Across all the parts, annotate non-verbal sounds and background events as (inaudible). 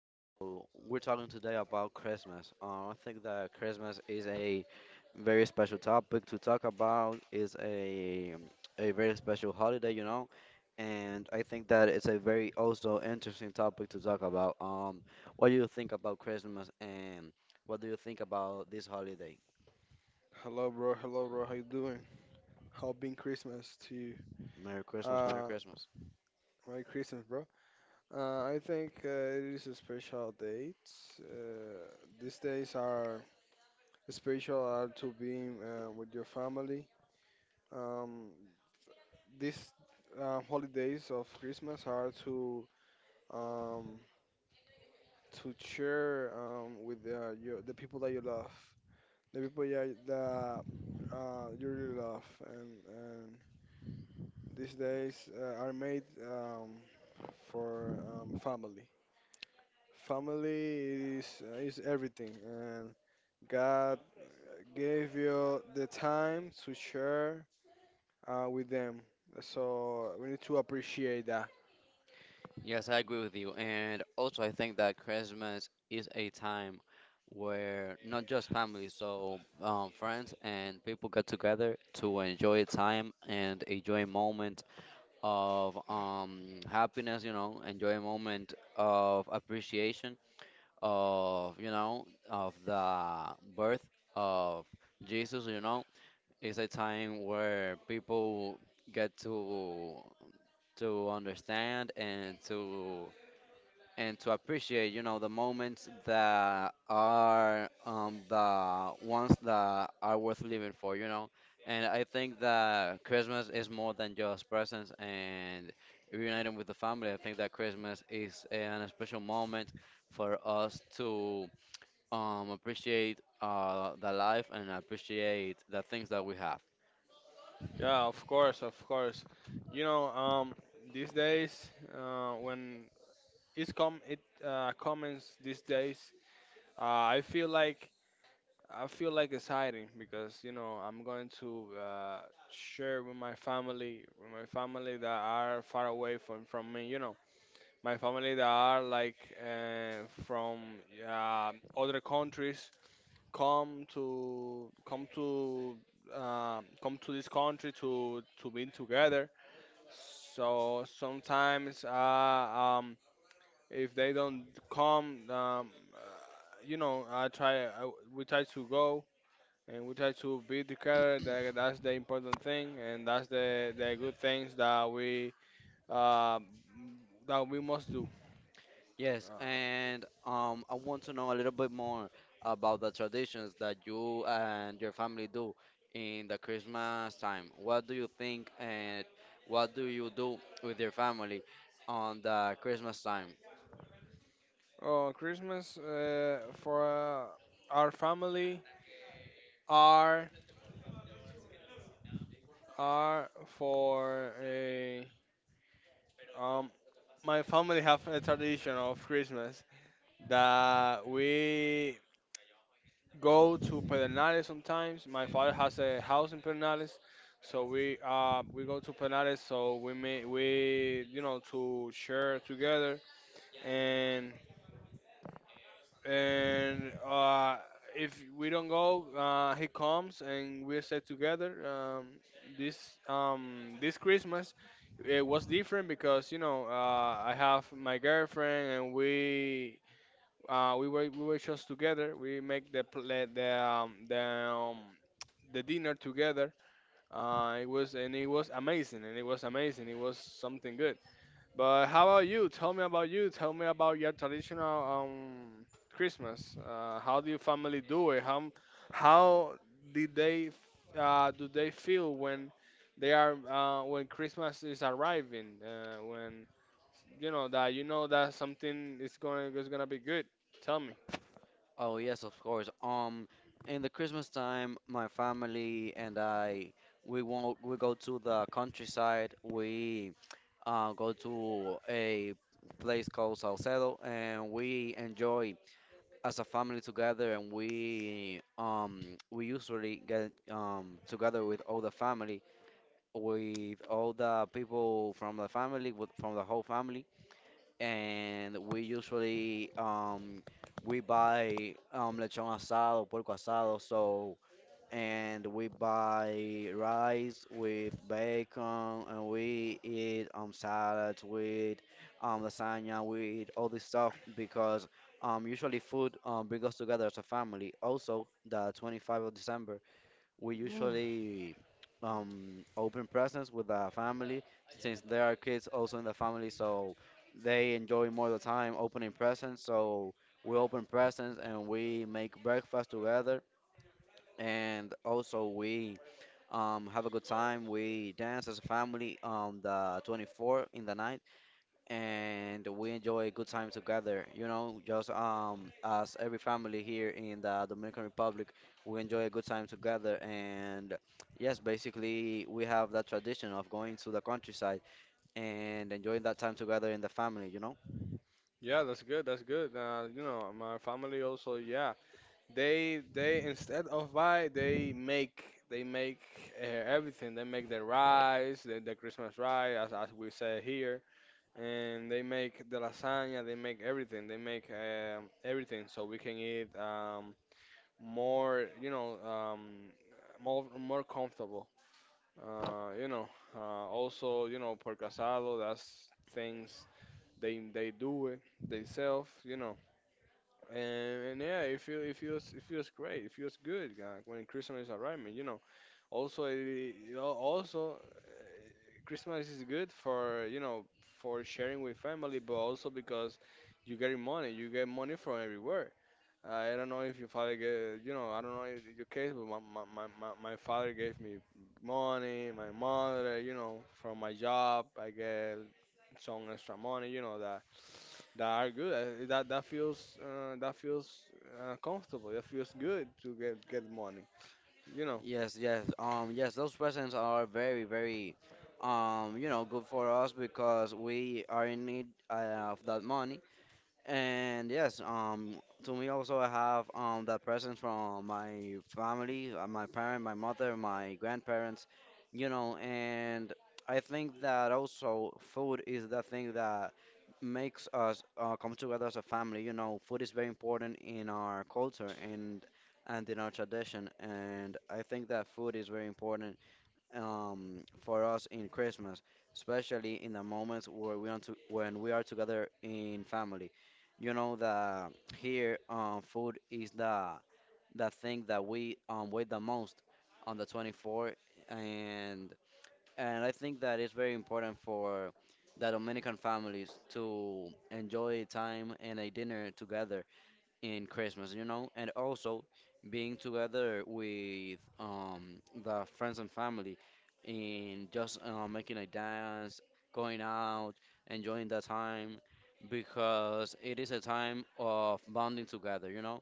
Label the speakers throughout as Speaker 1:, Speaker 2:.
Speaker 1: so we're talking today about Christmas. I think that Christmas is a very special topic to talk about. It's a very special holiday, you know, and I think that it's a very also interesting topic to talk about. What do you think about Christmas and what do you think about this holiday?
Speaker 2: Hello, bro. Hello, bro. How you doing? How been Christmas to you?
Speaker 1: Merry Christmas, Merry
Speaker 2: Uh,
Speaker 1: Christmas.
Speaker 2: Merry Christmas, bro. Uh, I think it is a special date. Uh, these days are special are to being with your family. Um, these holidays of Christmas are um, to share with the people that you love, the people that you really love, and these days are made for family. Family is everything, and God gave you the time to share with them. So we need to appreciate that.
Speaker 1: Yes, I agree with you. And also, I think that Christmas is a time where not just family, so friends and people get together to enjoy time and enjoy a moment of happiness, you know, enjoy a moment of appreciation of, you know, of the birth of Jesus, you know. It's a time where people get to understand and to appreciate, you know, the moments that are the ones that are worth living for, you know. And I think that Christmas is more than just presents and reuniting with the family. I think that Christmas is an special moment for us to appreciate the life and appreciate the things that we have.
Speaker 2: Yeah, of course, of course. You know, these days, when it comments these days, uh, I feel like I feel like it's hiding because you know I'm going to share with my family that are far away from me. You know, my family that are like from other countries come to come to come to this country to be together. So sometimes, if they don't come, you know, I try. We try to go and we try to be together. That's the important thing, and that's the good things uh, that we must do.
Speaker 1: Yes, and I want to know a little bit more about the traditions that you and your family do in the Christmas time. What do you think and what do you do with your family on the Christmas time?
Speaker 2: Oh, Christmas for uh, our family are are for a um. My family have a tradition of Christmas that we go to Pedernales sometimes. My father has a house in Pedernales, so we go to Pedernales. So we may we you know, to share together and and uh if we don't go, he comes and we stay together. This Christmas, it was different because you know I have my girlfriend and we were just together. We make the pl- the dinner together. It was amazing, It was something good. But how about you? Tell me about you. Tell me about your traditional Christmas. How do your family do it? How do they feel when they are when Christmas is arriving? When you know that something is going is gonna be good. Tell me.
Speaker 1: Oh, yes, of course. In the Christmas time, my family and I, we won't, we go to the countryside. We go to a place called Salcedo and we enjoy as a family together, and we usually get together with all the family with all the people from the family with from the whole family, and we usually we buy lechon asado, puerco asado, so and we buy rice with bacon and we eat salads with lasagna. We eat all this stuff because usually food brings us together as a family. Also, the 25th of December we usually open presents with the family since there are kids also in the family, so they enjoy more the time opening presents. So we open presents and we make breakfast together, and also we have a good time. We dance as a family on the 24th in the night, and we enjoy a good time together. You know, just as every family here in the Dominican Republic, we enjoy a good time together. And yes, basically we have that tradition of going to the countryside and enjoying that time together in the family. You know.
Speaker 2: Yeah, that's good. That's good. You know, my family also. Yeah, they instead of buy, they make everything. They make the rice, the Christmas rice, as we say here, and they make the lasagna. They make everything. They make everything so we can eat more. You know, more comfortable. Uh, you know, uh, also you know por casado. That's things they do it themselves. You know, and yeah, it feels great. It feels good when Christmas is arriving. You know, also Christmas is good for you know for sharing with family, but also because you getting money. You get money from everywhere. I don't know if your father gave, you know, I don't know if your case, but my father gave me money, my mother, you know, from my job, I get some extra money, you know, that that are good. That that feels comfortable. That feels good to get money, you know.
Speaker 1: Yes, yes. Yes, those presents are very, very, you know, good for us because we are in need of that money. And yes, to me also I have that presence from my family, my parent, my mother, my grandparents, you know, and I think that also food is the thing that makes us come together as a family. You know, food is very important in our culture and in our tradition, and I think that food is very important for us in Christmas, especially in the moments where we want to, when we are together in family. You know that here, food is the thing that we wait the most on the 24th, and and I think that it's very important for the Dominican families to enjoy time and a dinner together in Christmas, you know, and also being together with the friends and family and just making a dance, going out, enjoying the time because it is a time of bonding together, you know?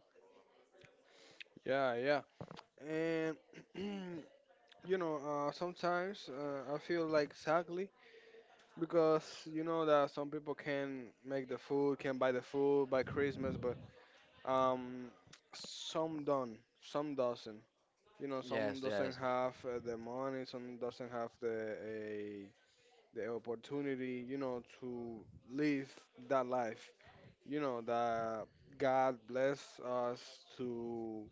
Speaker 2: Yeah, yeah. And (clears throat) you know, sometimes I feel like sadly because you know that some people can make the food, can buy the food by Christmas, but Um, some don't, some doesn't. You know, some
Speaker 1: Yes,
Speaker 2: doesn't
Speaker 1: yes.
Speaker 2: have the money, some doesn't have the opportunity. You know, to live that life. You know that God bless us to,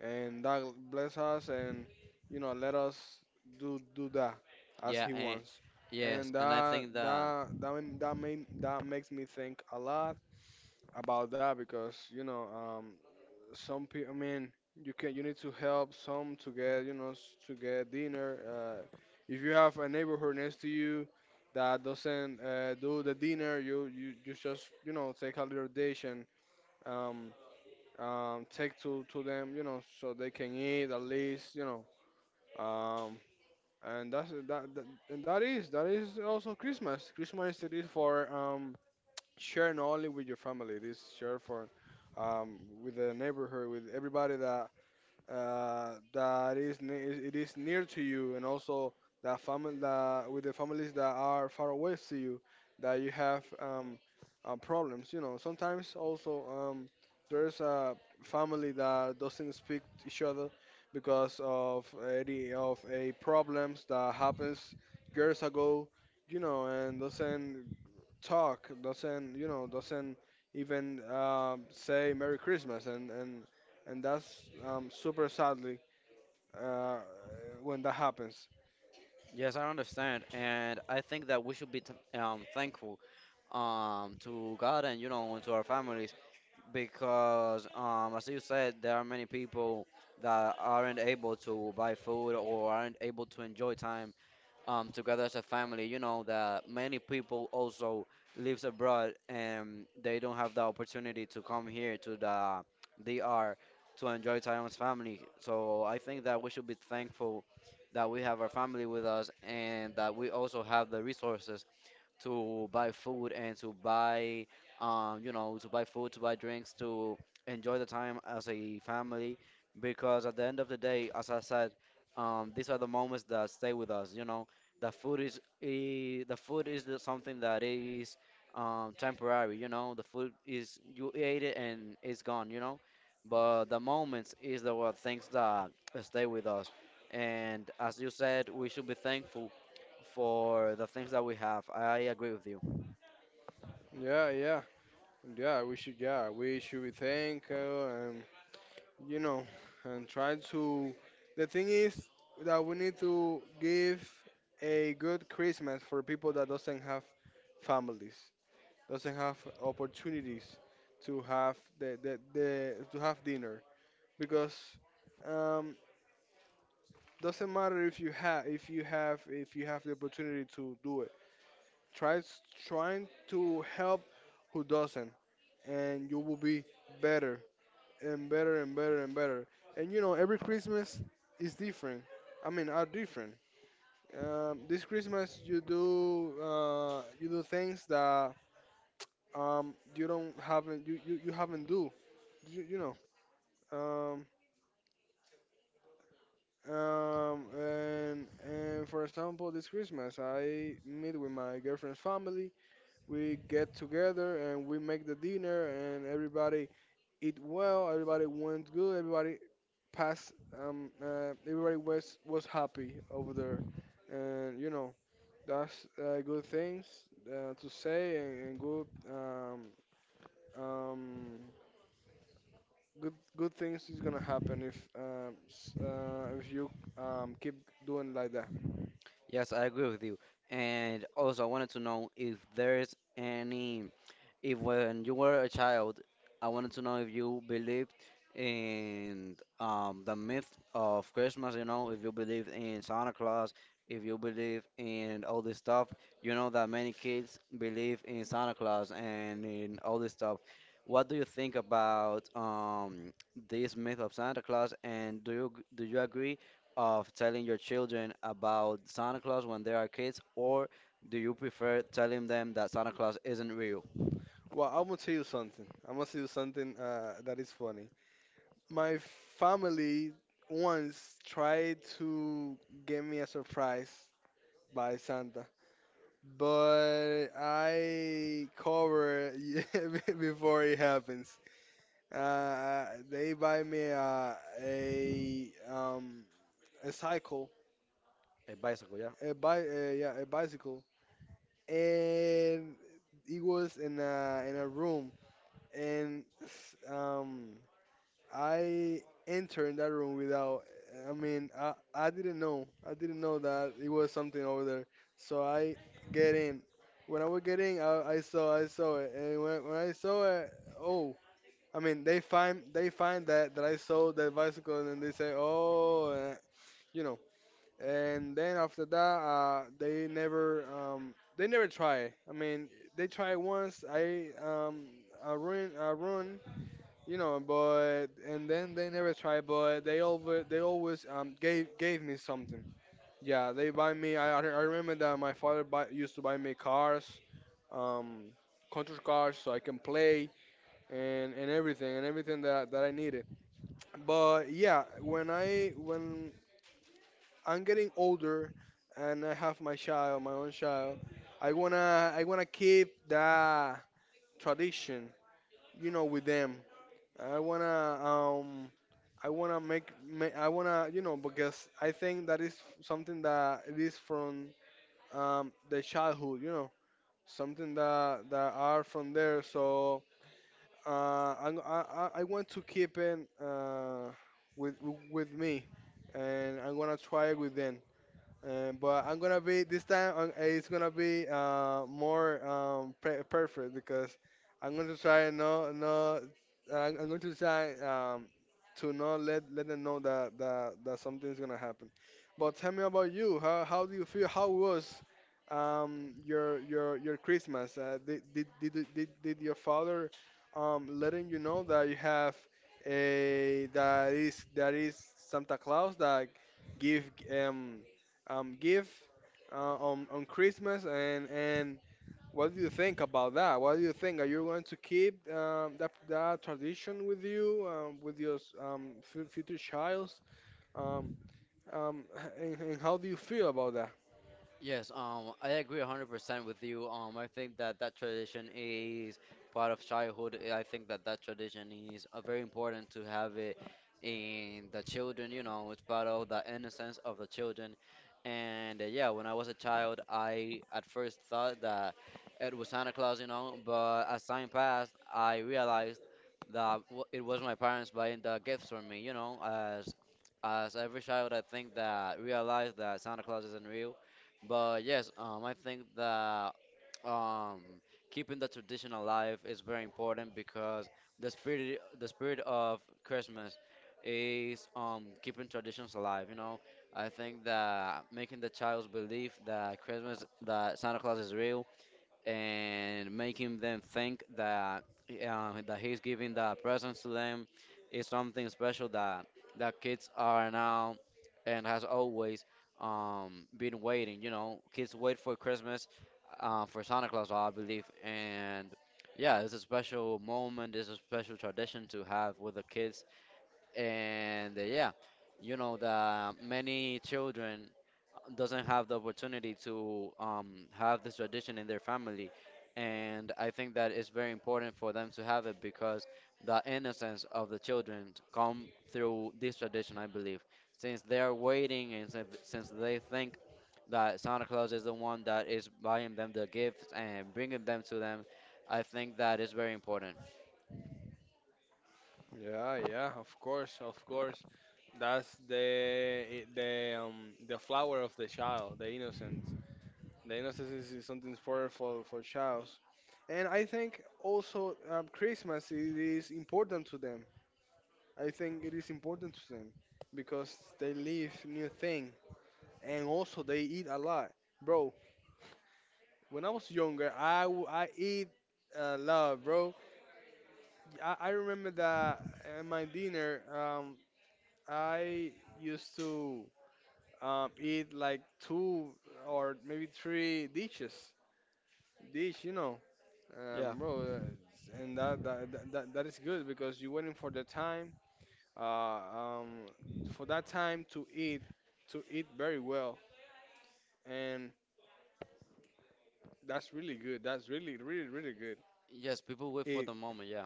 Speaker 2: and that bless us, and you know let us do that as
Speaker 1: Yeah,
Speaker 2: He
Speaker 1: and
Speaker 2: wants.
Speaker 1: yes,
Speaker 2: And
Speaker 1: and I
Speaker 2: that
Speaker 1: think that
Speaker 2: that that ma- that, made, that makes me think a lot about that because you know some people. I mean, you need to help some to get to get dinner. If you have a neighborhood next to you that doesn't do the dinner, you just you know take a little dish and um take to them you know so they can eat at least you know um and that, and that is also Christmas. Christmas it is for share only with your family, it is share for um, with the neighborhood, with everybody that that it it is near to you, and also that family that with the families that are far away to you, that you have problems. You know, sometimes also there's a family that doesn't speak to each other because of any of a problems that happens years ago. You know, and doesn't talk, doesn't you know, doesn't even say Merry Christmas and that's super sadly uh, when that happens.
Speaker 1: yes, I understand, and I think that we should be t thankful to God, and you know, and to our families because as you said, there are many people that aren't able to buy food or aren't able to enjoy time together as a family. You know that many people also lives abroad and they don't have the opportunity to come here to the DR to enjoy time as family. So I think that we should be thankful that we have our family with us, and that we also have the resources to buy food and to buy, you know, to buy food, to buy drinks, to enjoy the time as a family. Because at the end of the day, as I said, these are the moments that stay with us. You know, the food is the food is something that is temporary. You know, the food is you ate it and it's gone. You know, but the moments is the what things that stay with us. And as you said, we should be thankful for the things that we have. I agree with you.
Speaker 2: Yeah, yeah, yeah. We should, yeah, we should be thankful, and you know, and try to. The thing is that we need to give a good Christmas for people that doesn't have families, doesn't have opportunities to have the to have dinner because um, doesn't matter if you have if you have the opportunity to do it, tries, trying to help who doesn't, and you will be better and better. And you know, every Christmas is different. I mean, are different. This Christmas you do things that you don't, haven't, you haven't do, you know, um, and for example, this Christmas I meet with my girlfriend's family. We get together and we make the dinner and everybody eat well, everybody went good, everybody passed, everybody was happy over there. And you know, that's good things to say. And good um good good things is gonna happen if if you keep doing like that.
Speaker 1: Yes, I agree with you. And also, I wanted to know if there's any. If when you were a child, I wanted to know if you believed in the myth of Christmas, you know, if you believe in Santa Claus, if you believe in all this stuff. You know that many kids believe in Santa Claus and in all this stuff. What do you think about this myth of Santa Claus, and do you agree of telling your children about Santa Claus when they are kids, or do you prefer telling them that Santa Claus isn't real?
Speaker 2: Well, I'm gonna tell you something that is funny. My family once tried to get me a surprise by Santa, but I cover (laughs) before it happens. Uh, they buy me a cycle,
Speaker 1: Es básico ya.
Speaker 2: a bi yeah, a bicycle, and it was in a room, and I entered in that room without. I mean, I didn't know. I didn't know that it was something over there. So I get in. When I was getting, I saw it, and when I saw it, oh, I mean, they find that that I sold the bicycle, and they say, oh, eh, you know. And then after that, they never try. I mean, they try once. I ruin you know, but and then they never tried, but they always gave me something. Yeah, they buy me. I remember that my father buy, used to buy me cars, um, control cars, so I can play and everything, and everything that that I needed. But yeah, when I'm getting older and I have my child, my own child, I wanna keep that tradition, you know, with them. I wanna um I wanna make, ma I wanna you know, because I think that is something that it is from the childhood, you know, something that that are from there. So I want to keep it with with me, and I'm gonna try it with them. But I'm gonna be this time, it's gonna be more perfect because I'm going to try no no. I'm going to try to not let them know that something's gonna happen. But tell me about you. How do you feel? How was your Christmas? Did did your father letting you know that you have a that is Santa Claus that give um gift on Christmas, and what do you think about that? What do you think? Are you going to keep that tradition with you, with your future childs? Um, um, (laughs) and how do you feel about that?
Speaker 1: Yes, I agree 100% with you. I think that that tradition is part of childhood. I think that that tradition is very important to have it in the children, you know, it's part of the innocence of the children. And yeah, when I was a child, I at first thought that it was Santa Claus, you know, but as time passed, I realized that w it was my parents buying the gifts for me, you know, as every child, I think that realized that Santa Claus isn't real. But yes, I think that um, keeping the tradition alive is very important because the spirit of Christmas is keeping traditions alive. You know, I think that making the child believe that Christmas that Santa Claus is real, and making them think that that he's giving the presents to them, is something special that that kids are now and has always been waiting. You know, kids wait for Christmas for Santa Claus, I believe, and yeah, it's a special moment. It's a special tradition to have with the kids. And yeah, you know that many children doesn't have the opportunity to have this tradition in their family, and I think that it's very important for them to have it because the innocence of the children come through this tradition, I believe, since they're waiting and since they think that Santa Claus is the one that is buying them the gifts and bringing them to them. I think that is very important.
Speaker 2: Yeah, yeah, of course, of course. That's the the flower of the child, the innocence. The innocence is something important for childs, and I think also Christmas is important to them. I think it is important to them because they live new thing, and also they eat a lot. Bro, when I was younger, I eat a lot, bro. I remember that in my dinner, I used to eat like two or maybe three dishes. Dish, you know,
Speaker 1: Yeah.
Speaker 2: um, bro, uh, and that is good because you're waiting for the time uh, um, for that time to eat very well and that's really good, that's really good
Speaker 1: Yes, people wait for
Speaker 2: it.
Speaker 1: the moment. Yeah.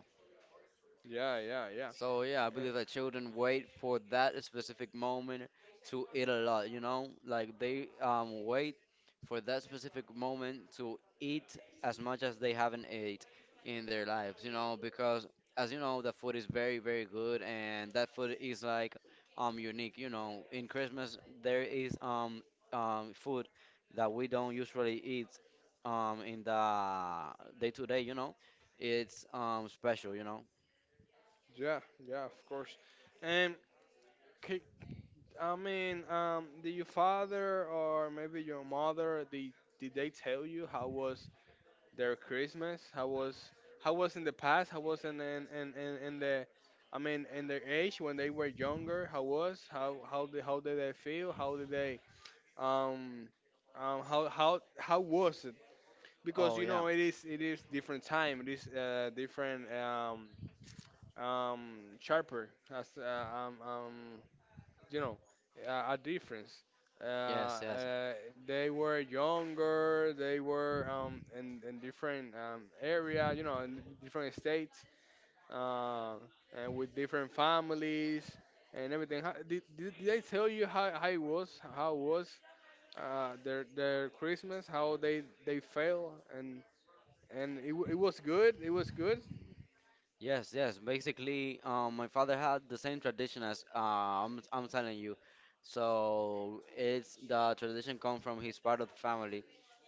Speaker 2: Yeah, yeah, yeah.
Speaker 1: So yeah, I
Speaker 2: Eh,
Speaker 1: believe that children wait for that specific moment to eat a lot, you know? Like they wait for that specific moment to eat as much as they haven't ate in their lives, you know, because as you know, the food is very, very good and that food is like unique, you know. In Christmas there is food that we don't usually eat in the day to day, you know. It's special, you know.
Speaker 2: yeah, yeah, of course. And ca- I mean, did your father or maybe your mother did they tell you how was their Christmas, how was in the past, how was in in the, I mean, in their age when they were younger, how was how did they feel? How did they um, how was it? Because
Speaker 1: Oh
Speaker 2: you
Speaker 1: yeah.
Speaker 2: know it is different time, it is different um, sharper as you know, a difference. Uh,
Speaker 1: Yes, yes,
Speaker 2: uh, they were younger, they were in different area, you know, in different states, uh, and with different families and everything. How, did they tell you how it was? How it was? Their Christmas, how they fail, and it was good. It was good.
Speaker 1: yes, yes. Basically, my father had the same tradition as I'm telling you. So it's the tradition come from his part of the family,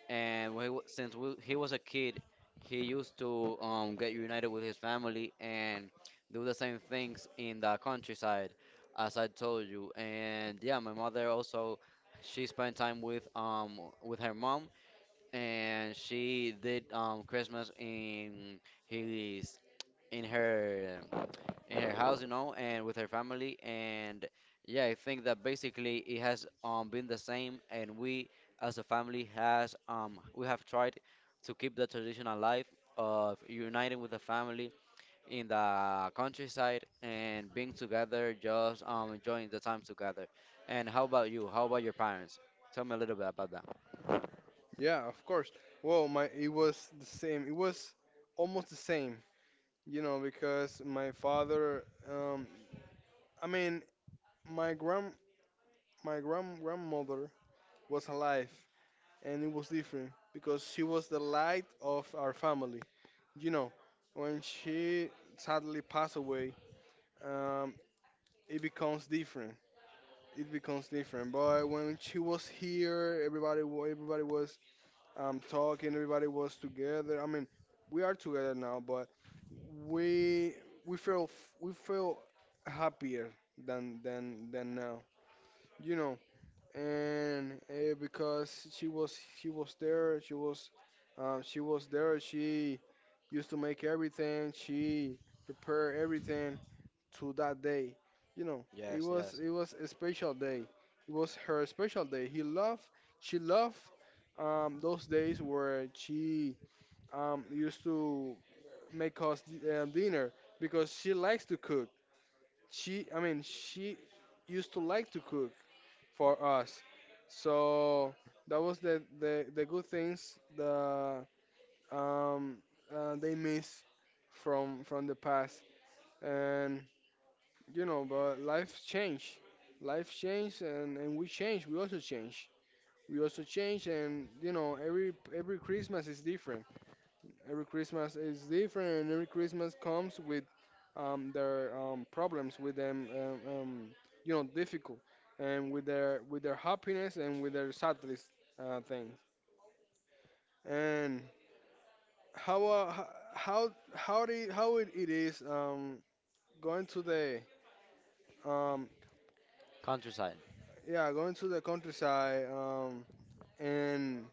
Speaker 1: and since he was a kid, he used to get united with his family and do the same things in the countryside, as I told you. And yeah, my mother also, she spent time with her mom, and she did Christmas in his in her um, in her house, you know, and with her family. And yeah, I think that basically it has been the same, and we as a family has we have tried to keep the tradition alive of uniting with the family in the countryside and being together, just enjoying the time together. And how about you? How about your parents? Tell me a little bit about that.
Speaker 2: Yeah, of course. Well, my it was the same. It was almost the same, you know, because my father, um, I mean, my grand my grandmother was alive, and it was different because she was the light of our family. You know, when she sadly passed away, um, it becomes different, it becomes different. But when she was here, everybody was talking, everybody was together. I mean, we are together now, but we we feel we feel happier than now, you know. And because she was there, she was there. She used to make everything. She prepared everything, to that day. You know,
Speaker 1: Yes, yes.
Speaker 2: it was a special day. It was her special day. He loved, she loved those days where she used to make us dinner because she likes to cook. She, I mean, she used to like to cook for us. So that was the good things, the um, they miss from the past. And you know, but life change, and we change. We also change. We also change, and you know, every Christmas is different. Every Christmas is different, and every Christmas comes with their problems, with them, you know, difficult, and with their happiness and with their sadness things. And how how it, it is going to the um,
Speaker 1: Countryside.
Speaker 2: yeah, going to the countryside. And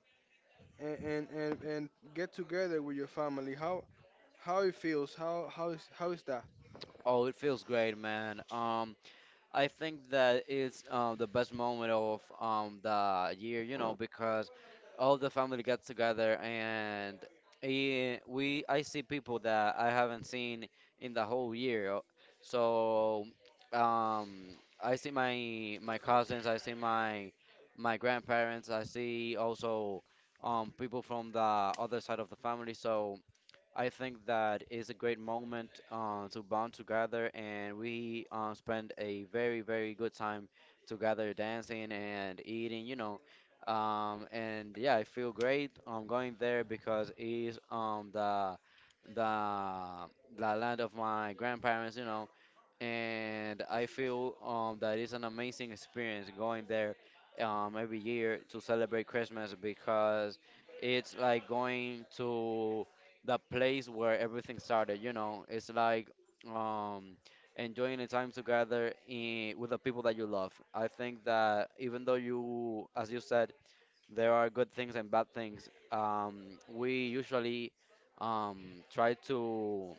Speaker 2: and get together with your family. How it feels? How is that?
Speaker 1: Oh, it feels great, man. I think that it's the best moment of the year, you know, because all the family gets together, and we I see people that I haven't seen in the whole year. So, um, I see my cousins, I see my grandparents, I see also people from the other side of the family. So. I think that is a great moment to bond together, and we spend a very, very good time together dancing and eating, you know. And yeah, I feel great going there because it is the the land of my grandparents, you know. And I feel that it's an amazing experience going there every year to celebrate Christmas because it's like going to the place where everything started, you know. It's like um enjoying the time together in, with the people that you love. I think that even though you, as you said, there are good things and bad things, we usually try to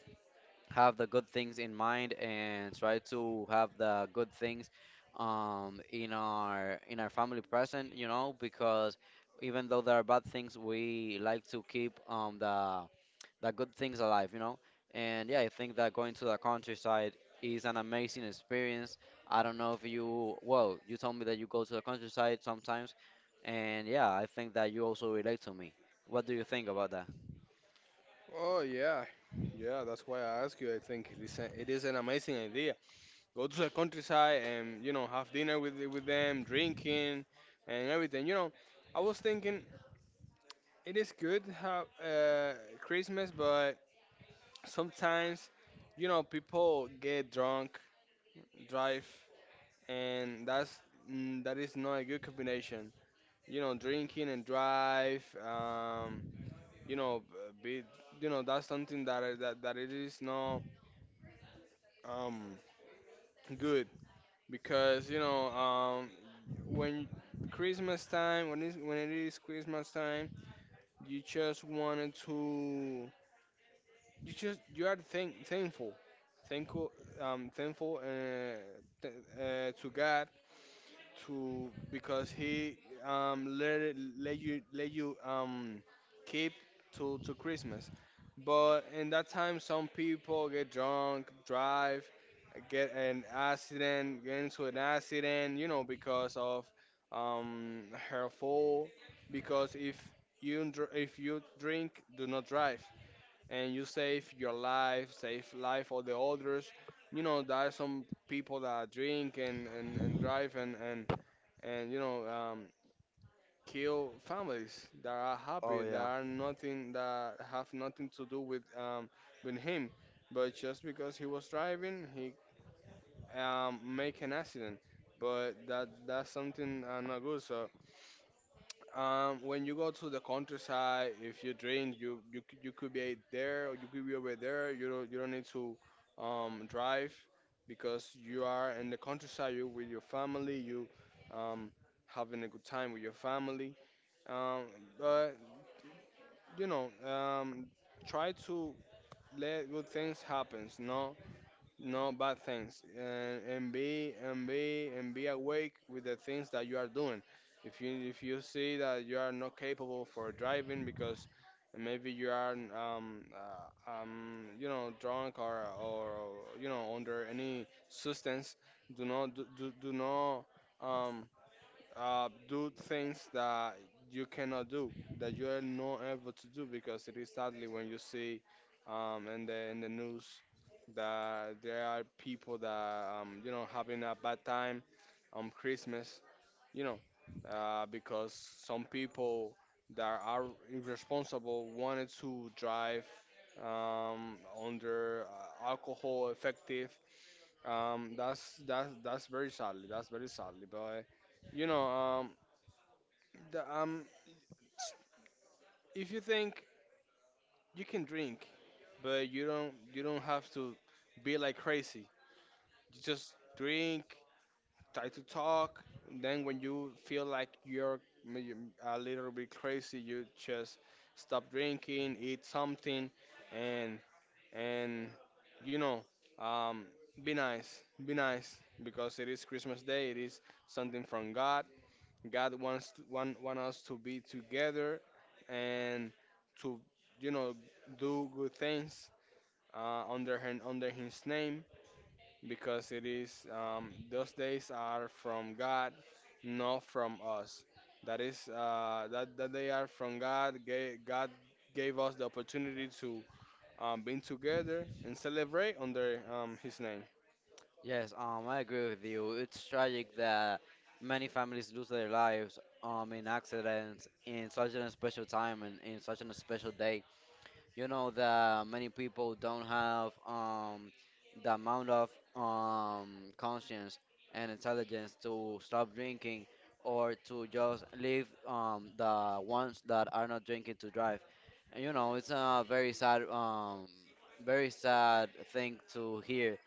Speaker 1: have the good things in mind and try to have the good things in our family present, you know, because even though there are bad things we like to keep the good things alive, you know. And yeah, I think that going to the countryside is an amazing experience. I don't know if you, well, you told me that you go to the countryside sometimes, and yeah, I think that you also relate to me. What do you think about that?
Speaker 2: Oh yeah, yeah. That's why I ask you. I think it is a, it is an amazing idea. Go to the countryside and you know have dinner with them, drinking and everything. You know, I was thinking it is good have Christmas, but sometimes you know people get drunk, drive, and that's that is not a good combination. You know, drinking and drive. You know, be, you know, that's something that that that it is not um good because you know, when Christmas time, when is when it is Christmas time, you just wanted to, you just you are thankful, thankful, thankful th- to God, to because he let you, let you keep to Christmas. But in that time, some people get drunk, drive, get an accident, get into an accident, you know, because of um her fault. Because if you if you drink, do not drive, and you save your life, save life of the others. You know, there are some people that drink and drive and and you know, kill families that are
Speaker 1: Oh
Speaker 2: happy, that
Speaker 1: yeah.
Speaker 2: are nothing, that have nothing to do with him, but just because he was driving he make an accident. But that's something not good. So when you go to the countryside, if you drink you you could be there or you could be over there, you don't need to drive because you are in the countryside, you with your family, you um, having a good time with your family, um, but you know, try to let good things happen, no, no bad things, and and be awake with the things that you are doing. If you see that you are not capable for driving because maybe you are you know drunk or you know under any substance, do not do not um do things that you cannot do, that you are not able to do, because it is sadly when you see in the news that there are people that you know having a bad time on Christmas, you know, because some people that are irresponsible wanted to drive um, under alcohol effective. That's that's very sadly. That's very sadly, but you know, the, um, if you think you can drink, but you don't have to be like crazy. You just drink, try to talk. And then when you feel like you're may- a little bit crazy, you just stop drinking, eat something, and and you know, um, be nice, be nice, because it is Christmas Day. It is something from God. God wants to, want us to be together and to you know do good things under him, under His name, because it is those days are from God, not from us. That is that they are from God. God gave us the opportunity to be together and celebrate under His name.
Speaker 1: Yes, I agree with you. It's tragic that many families lose their lives in accidents in such an special time and in such an special day. You know that many people don't have the amount of conscience and intelligence to stop drinking, or to just leave the ones that are not drinking to drive. And you know, it's a very sad thing to hear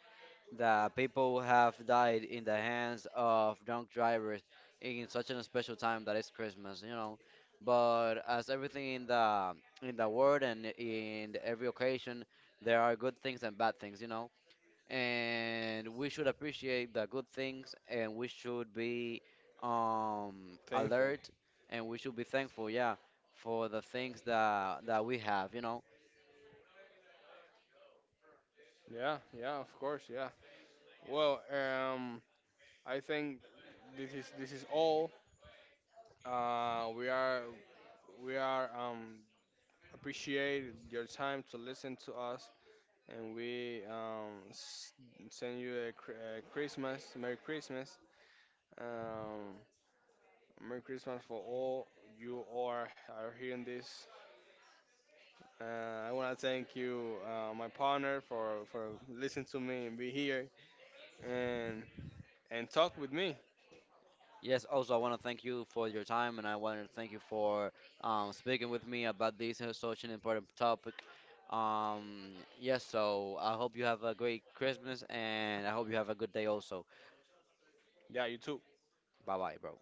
Speaker 1: that people have died in the hands of drunk drivers in such a special time that is Christmas, you know. But as everything in the world and in every occasion, there are good things and bad things, you know. And we should appreciate the good things, and we should be
Speaker 2: Thankful.
Speaker 1: alert, and we should be thankful, yeah, for the things that that we have, you know.
Speaker 2: Yeah, yeah, of course, yeah. Well, I think this is all. We are we are appreciate your time to listen to us, and we send you a, a Christmas, Merry Christmas, um, Merry Christmas for all you are hearing this. I want to thank you, my partner, for listening to me and be here and and talk with me.
Speaker 1: Yes, also, I want to thank you for your time, and I want to thank you for speaking with me about this such an important topic. Yes, so I hope you have a great Christmas, and I hope you have a good day also.
Speaker 2: Yeah, you too.
Speaker 1: Bye bye, bro.